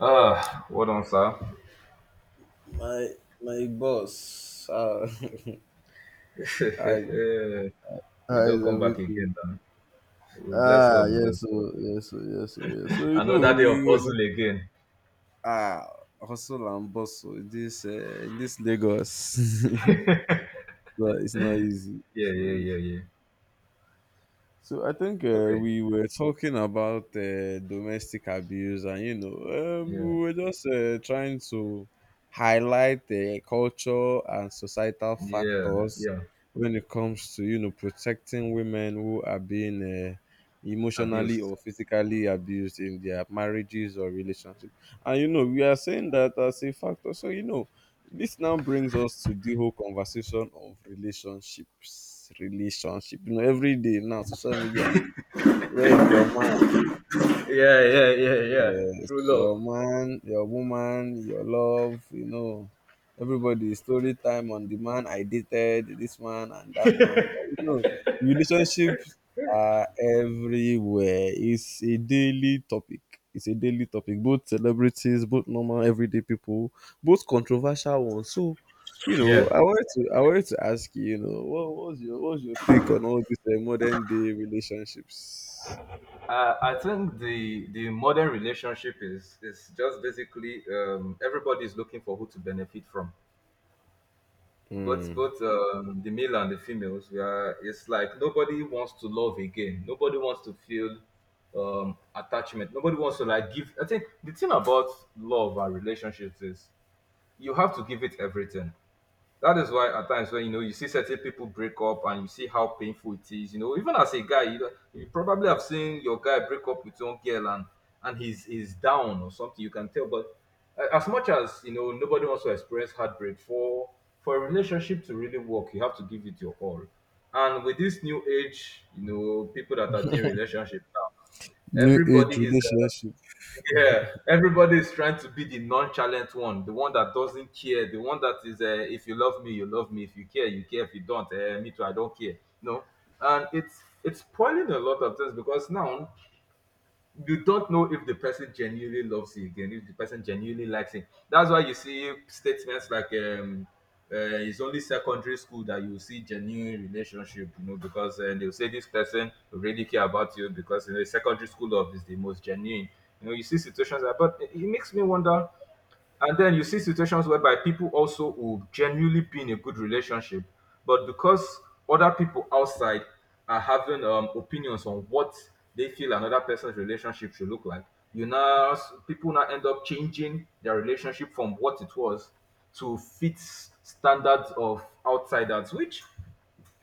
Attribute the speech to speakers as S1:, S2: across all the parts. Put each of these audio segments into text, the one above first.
S1: Ah, what on sir.
S2: My my boss. I
S1: We
S2: I
S1: don't come back
S2: everything.
S1: again now. We bless
S2: Ah
S1: God, we
S2: yes
S1: bless
S2: so
S1: God.
S2: yes, so
S1: Another day
S2: we
S1: of
S2: were.
S1: hustle again.
S2: ah Hustle and bustle in this in this Lagos. But it's not easy.
S1: Yeah,
S2: It's
S1: yeah,
S2: not
S1: yeah,
S2: easy.
S1: yeah.
S2: So I think
S1: Okay.
S2: we were talking about domestic abuse, and
S1: Yeah.
S2: we were just trying to highlight the culture and societal
S1: Yeah.
S2: factors
S1: Yeah.
S2: when it comes to protecting women who are being emotionally
S1: Abused.
S2: or physically abused in their marriages or relationships. And we are saying that as a factor. So this now brings us to the whole conversation of relationships. Relationship, every day now, social media. Where is your man?
S1: Yeah, yeah, yeah, yeah.
S2: Yes,
S1: True love.
S2: your man, your woman, your love, everybody, story time on the man I dated, this man and that man. Relationships are everywhere. It's a daily topic. It's a daily topic. Both celebrities, both normal everyday people, both controversial ones. So,
S1: Yeah.
S2: I wanted to ask you, what's your take on all these modern day relationships?
S1: I think the modern relationship is just basically everybody is looking for who to benefit from. But
S2: Hmm.
S1: both the male and the females, we are. It's like nobody wants to love again. Nobody wants to feel attachment. Nobody wants to like give. I think the thing about love and relationships is you have to give it everything. That is why at times when you know you see certain people break up and you see how painful it is, you know, even as a guy, you probably have seen your guy break up with one girl and he's down or something. You can tell, but as much as you know, nobody wants to experience heartbreak. For a relationship to really work, you have to give it your all. And with this new age, you know, people that are doing relationship now,
S2: New age
S1: everybody is
S2: relationship.
S1: yeah, everybody is trying to be the nonchalant one, the one that doesn't care, the one that is, if you love me, you love me. If you care, you care. If you don't, me too, I don't care. No, and it's spoiling a lot of things because now you don't know if the person genuinely loves you again, if the person genuinely likes him. That's why you see statements like it's only secondary school that you see genuine relationship, you know, because they'll say this person really care about you because you know, secondary school love is the most genuine. You know, you see situations like, but it makes me wonder, and then you see situations whereby people also will genuinely be in a good relationship, but because other people outside are having opinions on what they feel another person's relationship should look like, you now people now end up changing their relationship from what it was to fit standards of outsiders, which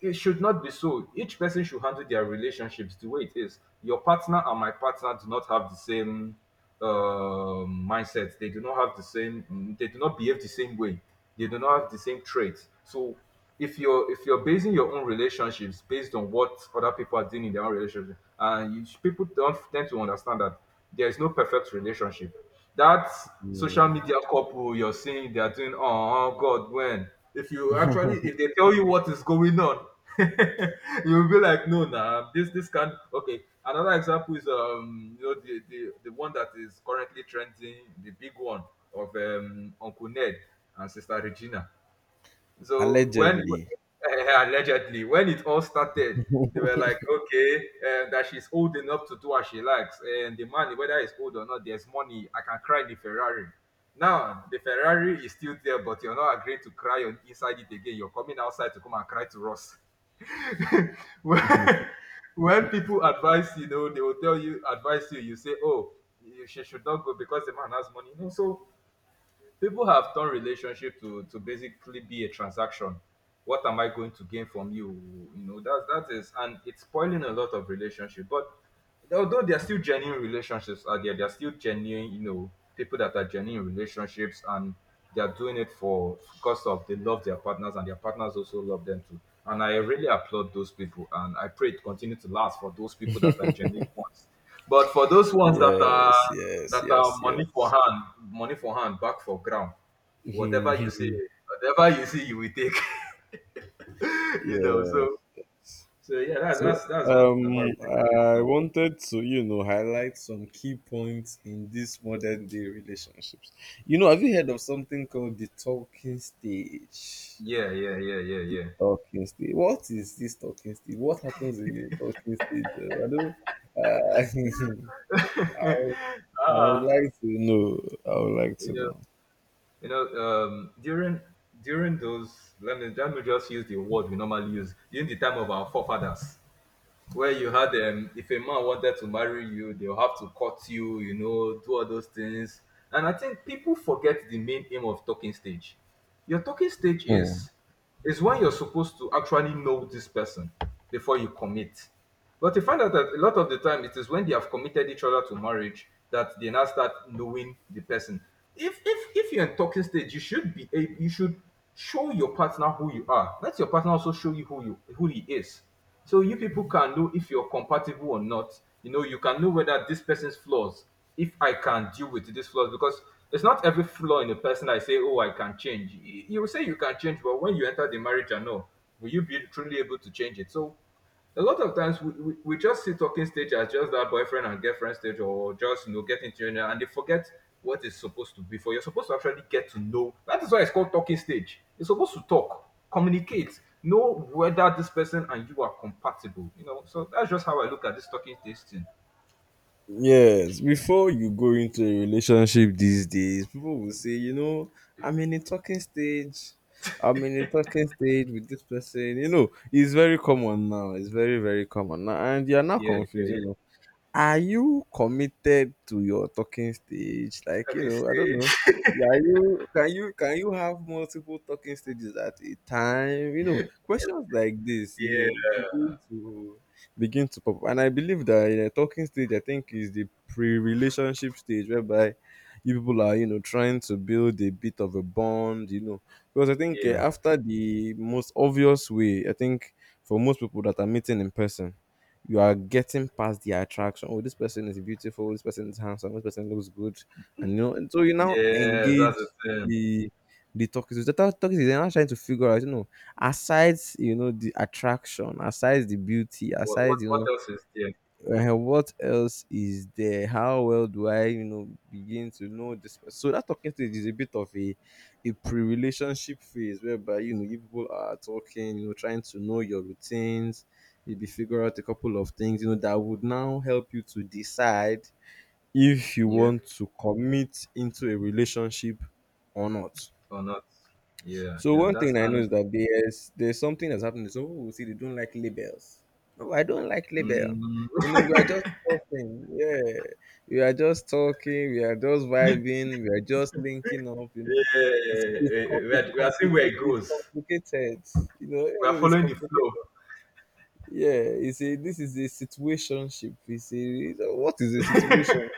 S1: it should not be so. Each person should handle their relationships the way it is. Your partner and my partner do not have the same mindset. They do not have the same. They do not behave the same way. They do not have the same traits. So if you're basing your own relationships based on what other people are doing in their own relationship, and you, people don't tend to understand that there is no perfect relationship. That social
S2: Mm,
S1: media couple you're seeing, they are doing, oh, God, when? If you actually, if they tell you what is going on, you'll be like, no, nah, this can okay. Another example is you know, the one that is currently trending, the big one of Uncle Ned and Sister Regina. So when
S2: allegedly.
S1: allegedly, when it all started, they were like, okay, that she's old enough to do what she likes, and the money, whether it's old or not, there's money. I can cry in the Ferrari. Now the Ferrari is still there, but you're not agreeing to cry on inside it again. You're coming outside to come and cry to us. when, when people advise you know, they will tell you advise you. You say, oh, she should not go because the man has money. You so people have turned relationship to basically be a transaction, what am I going to gain from you, you know, that is, and it's spoiling a lot of relationship. But although there are still genuine relationships out there, there are still genuine, you know, people that are genuine relationships, and they are doing it for because of they love their partners and their partners also love them too. And I really applaud those people, and I pray it continue to last for those people that are genuine ones. But for those ones
S2: Yes, yes,
S1: that are
S2: yes,
S1: money for
S2: yes.
S1: hand, money for hand back for ground, whatever you say, whatever you say, you will take. You know, so
S2: Yes.
S1: so yeah,
S2: So
S1: that's one thing about relationships.
S2: I
S1: Now.
S2: wanted to, highlight some key points in these modern day relationships. Have you heard of something called the talking stage?
S1: Yeah, yeah, yeah, yeah,
S2: Talking stage. What is this talking stage? What happens in the talking stage? I don't. uh,
S1: yeah.
S2: I would
S1: uh,
S2: like to know. I would like
S1: you know,
S2: to
S1: you know, during let me just use the word we normally use during the time of our forefathers, where you had if a man wanted to marry you, they'll have to court you, you know, do all those things. And I think people forget the main aim of talking stage. Your talking stage
S2: know.
S1: is when you're supposed to actually know this person before you commit. But you find out that a lot of the time it is when they have committed each other to marriage that they now start knowing the person. If you're in talking stage, you should be a, you should show your partner who you are. Let your partner also show you who he is. So you people can know if you're compatible or not. You know, you can know whether this person's flaws, if I can deal with these flaws, because it's not every flaw in a person I say, oh, I can change. You will say you can change, but when you enter the marriage, I know, will you be truly able to change it? So a lot of times we just see talking stage as just that boyfriend and girlfriend stage or just you know getting to know, and they forget what it's supposed to be for. You're supposed to actually get to know. That is why it's called talking stage. You're supposed to talk, communicate, know whether this person and you are compatible, you know. So that's just how I look at this talking stage thing.
S2: Yes, before you go into a relationship these days, people will say, I'm in a talking stage. I'm in a talking stage with this person. It's very common now. It's very, very common now. And you're now
S1: Yeah, yeah,
S2: confused.
S1: yeah,
S2: Are you committed to your talking stage? Like,
S1: talking
S2: I don't
S1: stage.
S2: know. Yeah, are you can you have multiple talking stages at a time? Questions like this,
S1: Yeah,
S2: begin to pop up. And I believe that in a talking stage, I think is the pre-relationship stage whereby you people are, trying to build a bit of a bond. Because I think
S1: yeah,
S2: after the most obvious way, I think for most people that are meeting in person, you are getting past the attraction. Oh, this person is beautiful. This person is handsome. This person looks good, and you know. And so you now
S1: yes, that's
S2: engage
S1: it.
S2: the toxins. The toxins they're not trying to figure out. Aside the attraction, aside the beauty, aside
S1: What else is there?
S2: what else is there? How well do I, begin to know this person? So that talking stage is a bit of a pre-relationship phase whereby you people are talking, trying to know your routines, maybe figure out a couple of things, that would now help you to decide if you
S1: Yeah
S2: want to commit into a relationship or not.
S1: or not. Yeah,
S2: So
S1: yeah,
S2: one
S1: that's
S2: thing I know
S1: and.
S2: is that there's something that's happening. Some people will say they don't like labels. No, I don't like label.
S1: mm,
S2: We are just talking. Yeah, we are just talking. We are just vibing. We are just linking up.
S1: Yeah,
S2: It's it's com- it's
S1: we are seeing where
S2: complicated.
S1: it
S2: It's
S1: goes.
S2: complicated.
S1: We are
S2: It is
S1: following the flow.
S2: complicated. Yeah, it's a this is a situationship. It's a what is a situation?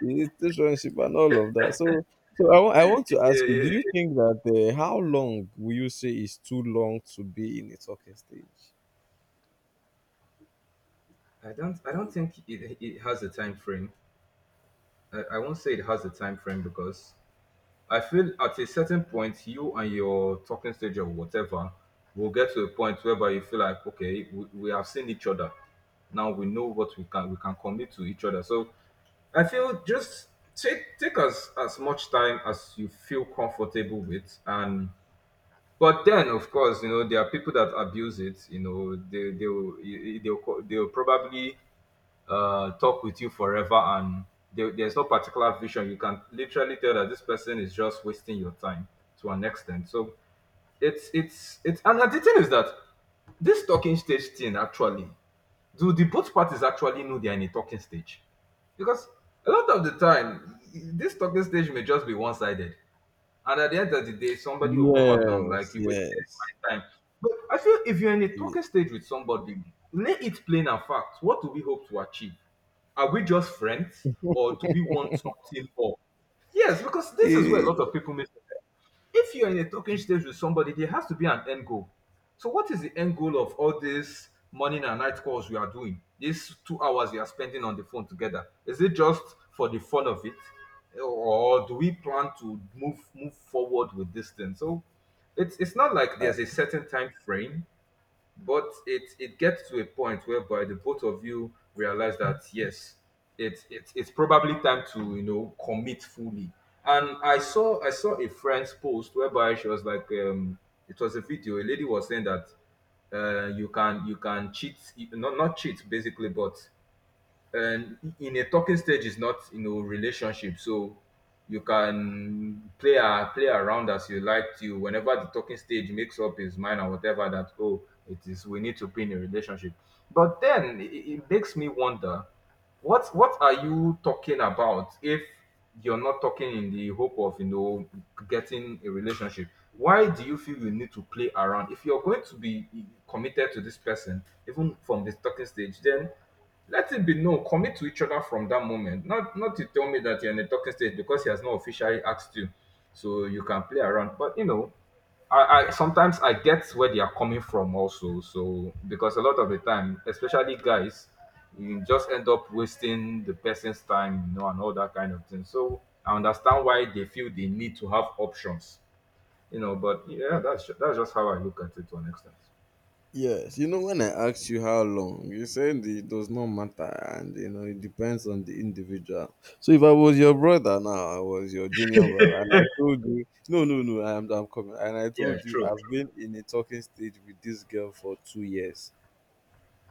S2: Relationship and all of that. So, I want to
S1: Yeah, yeah,
S2: ask you: do
S1: yeah.
S2: you think that how long will you say is too long to be in a talking stage?
S1: I don't. I don't think it has a time frame. I won't say it has a time frame because I feel at a certain point you and your talking stage or whatever will get to a point whereby you feel like okay, we have seen each other. Now we know what we can commit to each other. So I feel just take take as much time as you feel comfortable with, and. But then, of course, you know there are people that abuse it. You know they will they'll they'll probably talk with you forever, and there's no particular vision. You can literally tell that this person is just wasting your time to an extent. So it's and the thing is that this talking stage thing actually, do the both parties actually know they are in a talking stage, because a lot of the time this talking stage may just be one sided, and at the end of the day, somebody will come out and like
S2: Yes,
S1: you wasted
S2: yes,
S1: my time. But I feel if you're in a
S2: ye-
S1: talking stage with somebody, lay it plain and fact. What do we hope to achieve? Are we just friends or do we want something more? Yes, because this is where a lot
S2: eh,
S1: of people miss. If you're in a talking stage with somebody, there has to be an end goal. So, what is the end goal of all these morning and night calls you are doing? These two hours you are spending on the phone together. Is it just for the fun of it, or do we plan to move forward with this thing? So, it's not like there's a certain time frame, but it gets to a point whereby the both of you realize that yes it's probably time to you know commit fully. And I saw a friend's post whereby she was like it was a video, a lady was saying that you can cheat, not cheat basically, but and in a talking stage is not you know relationship. So you can play around as you like to whenever the talking stage makes up his mind or whatever that oh it is we need to be in a relationship. But then it makes me wonder what are you talking about if you're not talking in the hope of you know getting a relationship? Why do you feel you need to play around if you're going to be committed to this person even from this talking stage? Then let it be known. Commit to each other from that moment. Not to tell me that you're in a talking stage because he has not officially asked you. So you can play around. But I sometimes I get where they are coming from also. So because a lot of the time, especially guys, you just end up wasting the person's time, and all that kind of thing. So I understand why they feel they need to have options, But yeah, that's just how I look at it to an extent.
S2: yes. When I asked you how long, you said it does not matter, and it depends on the individual. So, if I was your brother now, I was your junior brother, and I told you, no, no, no, I'm coming, and I
S1: Yeah,
S2: told you
S1: true,
S2: I've
S1: true.
S2: been in a talking stage with this girl for 2 years.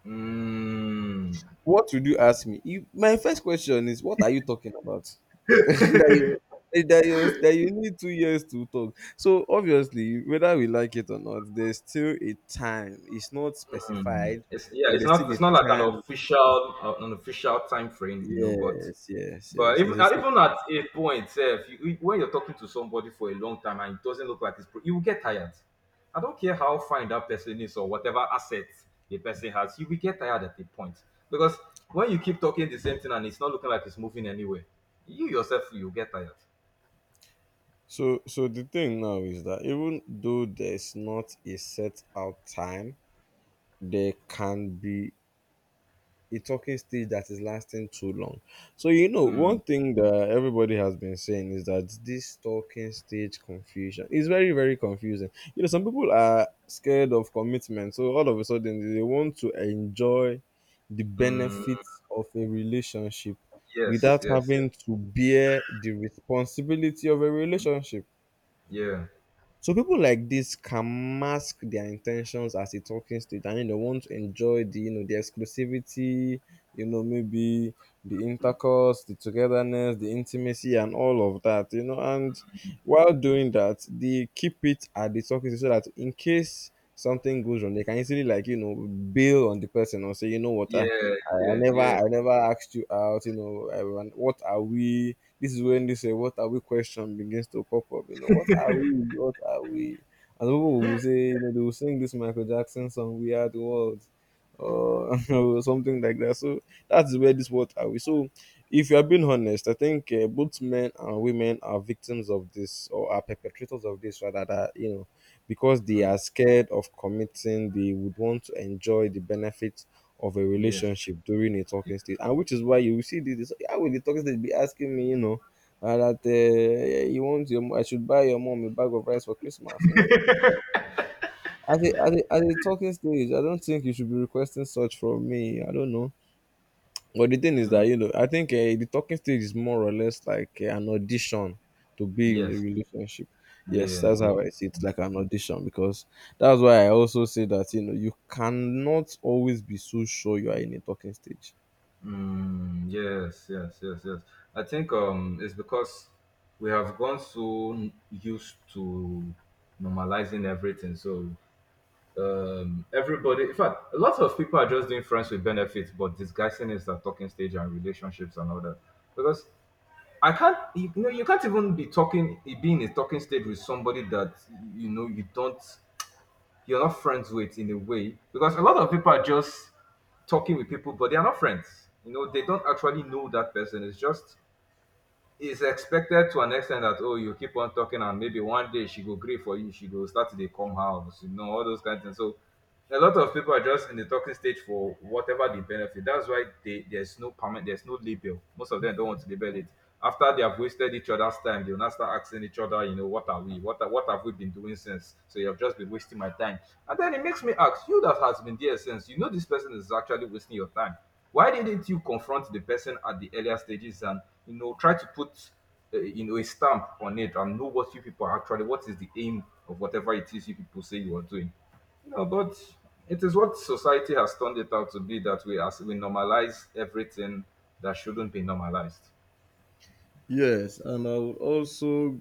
S1: Mm,
S2: What would you ask me? If my first question is, what are you talking about? that you that you need 2 years to talk. So obviously, whether we like it or not, there's still a time. It's not specified,
S1: it's yeah,
S2: but
S1: it's
S2: there's still
S1: not it's not like
S2: a time.
S1: an official time frame, you know,
S2: Yes, yes,
S1: but
S2: yes.
S1: even
S2: There's a still-
S1: even at a point, if when you're talking to somebody for a long time and it doesn't look like you will get tired. I don't care how fine that person is or whatever asset the person has, you will get tired at a point because when you keep talking the same thing and it's not looking like it's moving anywhere, you yourself you get tired.
S2: so so the thing now is that even though there's not a set out time, there can be a talking stage that is lasting too long. So one
S1: Mm,
S2: thing that everybody has been saying is that this talking stage confusion is very, very confusing. Some people are scared of commitment, so all of a sudden they want to enjoy the
S1: mm,
S2: benefits of a relationship
S1: yes,
S2: without
S1: yes,
S2: having to bear the responsibility of a relationship.
S1: yeah,
S2: So people like this can mask their intentions as a talking stage and want to enjoy the exclusivity, maybe the intercourse, the togetherness, the intimacy and all of that, and while doing that, they keep it at the talking stage so that in case something goes wrong, they can easily like, bail on the person or say, you know what,
S1: yeah,
S2: I
S1: yeah, yeah,
S2: never
S1: yeah.
S2: I never asked you out, what are we? This is when this what are we question begins to pop up. What are we? What are we? And people will say, they will sing this Michael Jackson song, We Are the World, or or something like that. So that's where this what are we. So if you are being honest, I think both men and women are victims of this or are perpetrators of this rather that, because they
S1: Mm,
S2: are scared of committing, they would want to enjoy the benefits of a
S1: yes,
S2: relationship during a
S1: yeah,
S2: talking stage, and which is why you will see this. How will the talking stage be asking me, that yeah, you want your, mo- I should buy your mom a bag of rice for Christmas? At the talking stage, I don't think you should be requesting such from me. I don't know. But the thing is
S1: mm,
S2: that, I think the talking stage is more or less like an audition to be in a
S1: yes.
S2: relationship. Yes,
S1: Yeah,
S2: that's
S1: yeah.
S2: how I see it, like an audition, because that's why I also say that, you cannot always be so sure you are in a talking stage.
S1: Mm, yes, yes, yes, yes. I think it's because we have gone so used to normalizing everything. So everybody, in fact a lot of people are just doing friends with benefits but disguising it as talking stage and relationships and all that. Because I can't you know you can't even be talking be in a talking stage with somebody that you know you don't, you're not friends with in a way, because a lot of people are just talking with people but they are not friends, you know they don't actually know that person. It's just it's expected to an extent that oh, you keep on talking and maybe one day she go gree for you, she go start to dey come house, you know, all those kind of things. So a lot of people are just in the talking stage for whatever the benefit. That's why there's no permanent, there's no label, most of them don't want to label it. After they have wasted each other's time, they'll now start asking each other, you know, what are we, what have we been doing since, so you've just been wasting my time. And then it makes me ask you that has been there since, you know this person is actually wasting your time, why didn't you confront the person at the earlier stages and you know try to put you know a stamp on it and know what you people are actually, what is the aim of whatever it is you people say you are doing. No, but it is what society has turned it out to be, that we as we normalize everything that shouldn't be normalized
S2: Yes, and I would also,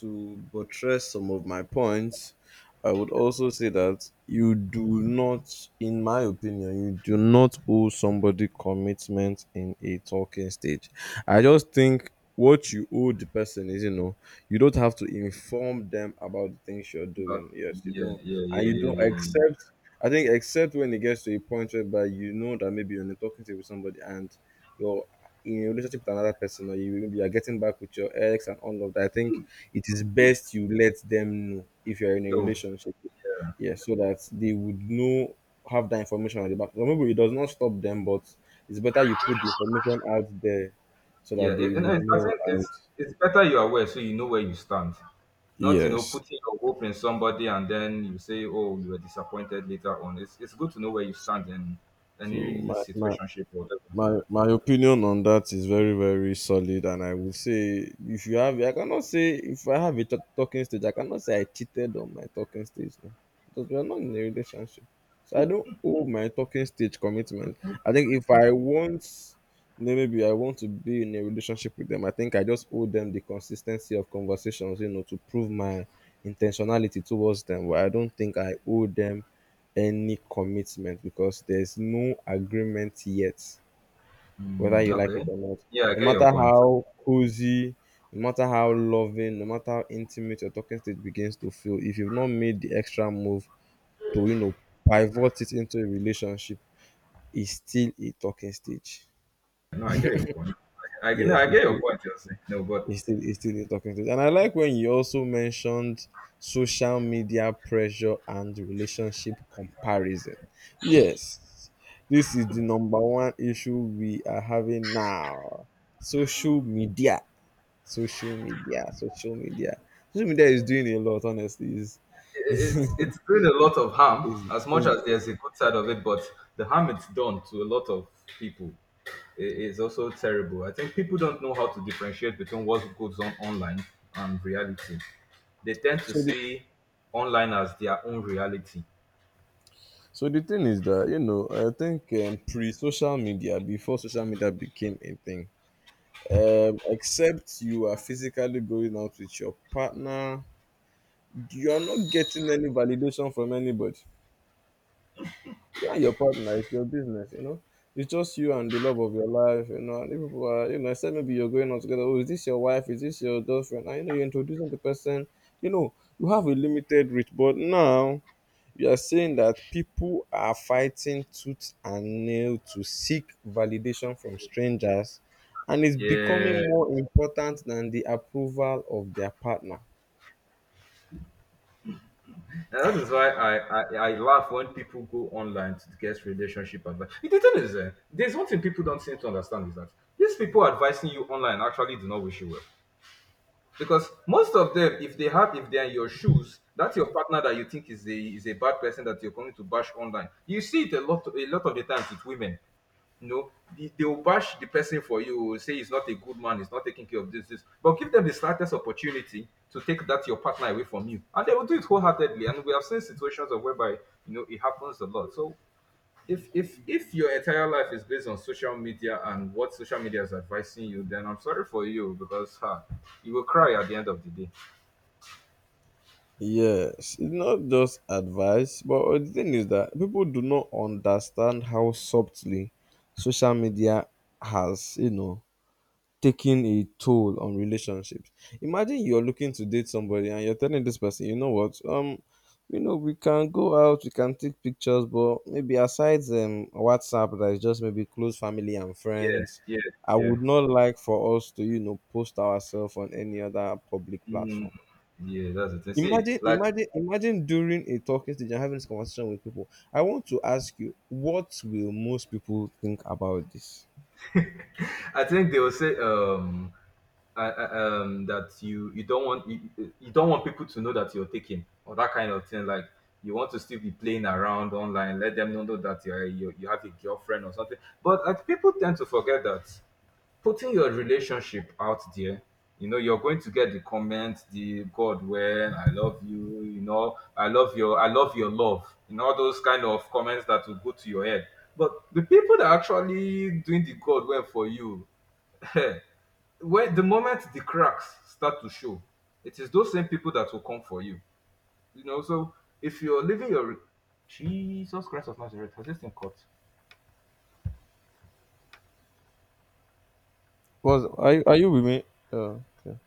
S2: to buttress some of my points, I would also say that you do not, in my opinion, you do not owe somebody commitment in a talking stage. I just think what you owe the person is, you don't have to inform them about the things you're
S1: but
S2: doing. Yes, you
S1: yeah,
S2: don't,
S1: yeah,
S2: and
S1: yeah,
S2: you
S1: yeah,
S2: don't
S1: yeah, yeah.
S2: accept. I think except when it gets to a point whereby you know that maybe you're in a talking stage with somebody and your in a relationship with another person or you are getting back with your ex and all of that, I think it is best you let them know if you are in a
S1: No.
S2: relationship. Yeah, so that they would know, have that information at the back. Remember, it does not stop them, but it's better you put the information out there so
S1: Yeah,
S2: that they
S1: and
S2: would
S1: I
S2: know.
S1: think
S2: And
S1: it's better you're aware so you know where you stand. Not you know
S2: yes,
S1: putting your hope in somebody and then you say, oh, you were disappointed later on. It's good to know where you
S2: so,
S1: stand in
S2: so
S1: any
S2: my, my
S1: situationship or whatever.
S2: my my opinion on that is very, very solid, and I would say, if you have I cannot say if I have a talking stage. I cannot say I cheated on my talking stage. No, because we are not in a relationship, so I don't owe my talking stage commitment. I think if I want you, maybe I want to be in a relationship with them, I think I just owe them the consistency of conversations, to prove my intentionality towards them, but I don't think I owe them any commitment because there's no agreement yet, whether
S1: Mm,
S2: you like it
S1: okay.
S2: or not.
S1: Yeah, I
S2: No
S1: get your
S2: matter
S1: point.
S2: how cozy, no matter how loving, no matter how intimate your talking stage begins to feel, if you've not made the extra move to, pivot it into a relationship, it's still a talking stage.
S1: No, I get your point. No, I
S2: Yes, it's
S1: get your
S2: still,
S1: point. You're saying no, but
S2: it's still, it's still a talking stage. And I like when you also mentioned social media pressure and relationship comparison. Yes, this is the number one issue we are having now. Social media social media social media social media is doing a lot, honestly. is
S1: it's doing a lot of harm
S2: is
S1: as much
S2: is
S1: as there's a good side of it but the harm it's done to a lot of people is also terrible. I think people don't know how to differentiate between what goes on online and reality. They tend to
S2: so the
S1: see online as their own reality.
S2: so the thing is that, I think, pre social media, before social media became a thing, except you are physically going out with your partner, you are not getting any validation from anybody. Your partner, it's your business. It's just you and the love of your life. And if people are, say maybe you're going out together. Oh, is this your wife? Is this your girlfriend? And you're introducing the person. You have a limited reach, but now you are saying that people are fighting tooth and nail to seek validation from strangers, and it's becoming
S1: Yeah,
S2: more important than the approval of their partner.
S1: and that is why I laugh when people go online to get relationship advice. The thing is eh, there's one thing people don't seem to understand is that these people advising you online actually do not wish you well, because most of them if they have, if they're in your shoes, that's your partner that you think is a bad person that you're coming to bash online. You see it a lot, a lot of the times with women, you know they will bash the person for you, say he's not a good man, he's not taking care of this this, but give them the slightest opportunity to take that your partner away from you and they will do it wholeheartedly, and we have seen situations of whereby you know it happens a lot. So if your entire life is based on social media and what social media is advising you, then I'm sorry for you because huh, you will cry at the end of the day.
S2: Yes, it's not just advice, but the thing is that people do not understand how subtly social media has, taken a toll on relationships. Imagine you're looking to date somebody and you're telling this person, you know what, we can go out, we can take pictures, but maybe aside WhatsApp that is just maybe close family and
S1: Yeah,
S2: friends,
S1: yeah,
S2: I
S1: yeah.
S2: would not like for us to, post ourselves on any other public
S1: Mm,
S2: platform.
S1: yeah, that's the thing. See,
S2: Imagine,
S1: like
S2: imagine, imagine during a talking stage and having this conversation with people. I want to ask you, what will most people think about this?
S1: I think they will say that you don't want, you don't want people to know that you're taking or that kind of thing. Like you want to still be playing around online, let them not know that you, you have a girlfriend or something. But like, people tend to forget that putting your relationship out there, you know, you're going to get the comments, the God, when I love you, you know, I love your love, you know, all those kind of comments that will go to your head. But the people that are actually doing the God well for you, when the moment the cracks start to show, it is those same people that will come for you. You know, so if you're living your Jesus Christ of Nazareth, has this thing caught?
S2: Was Are you with me? Uh, okay.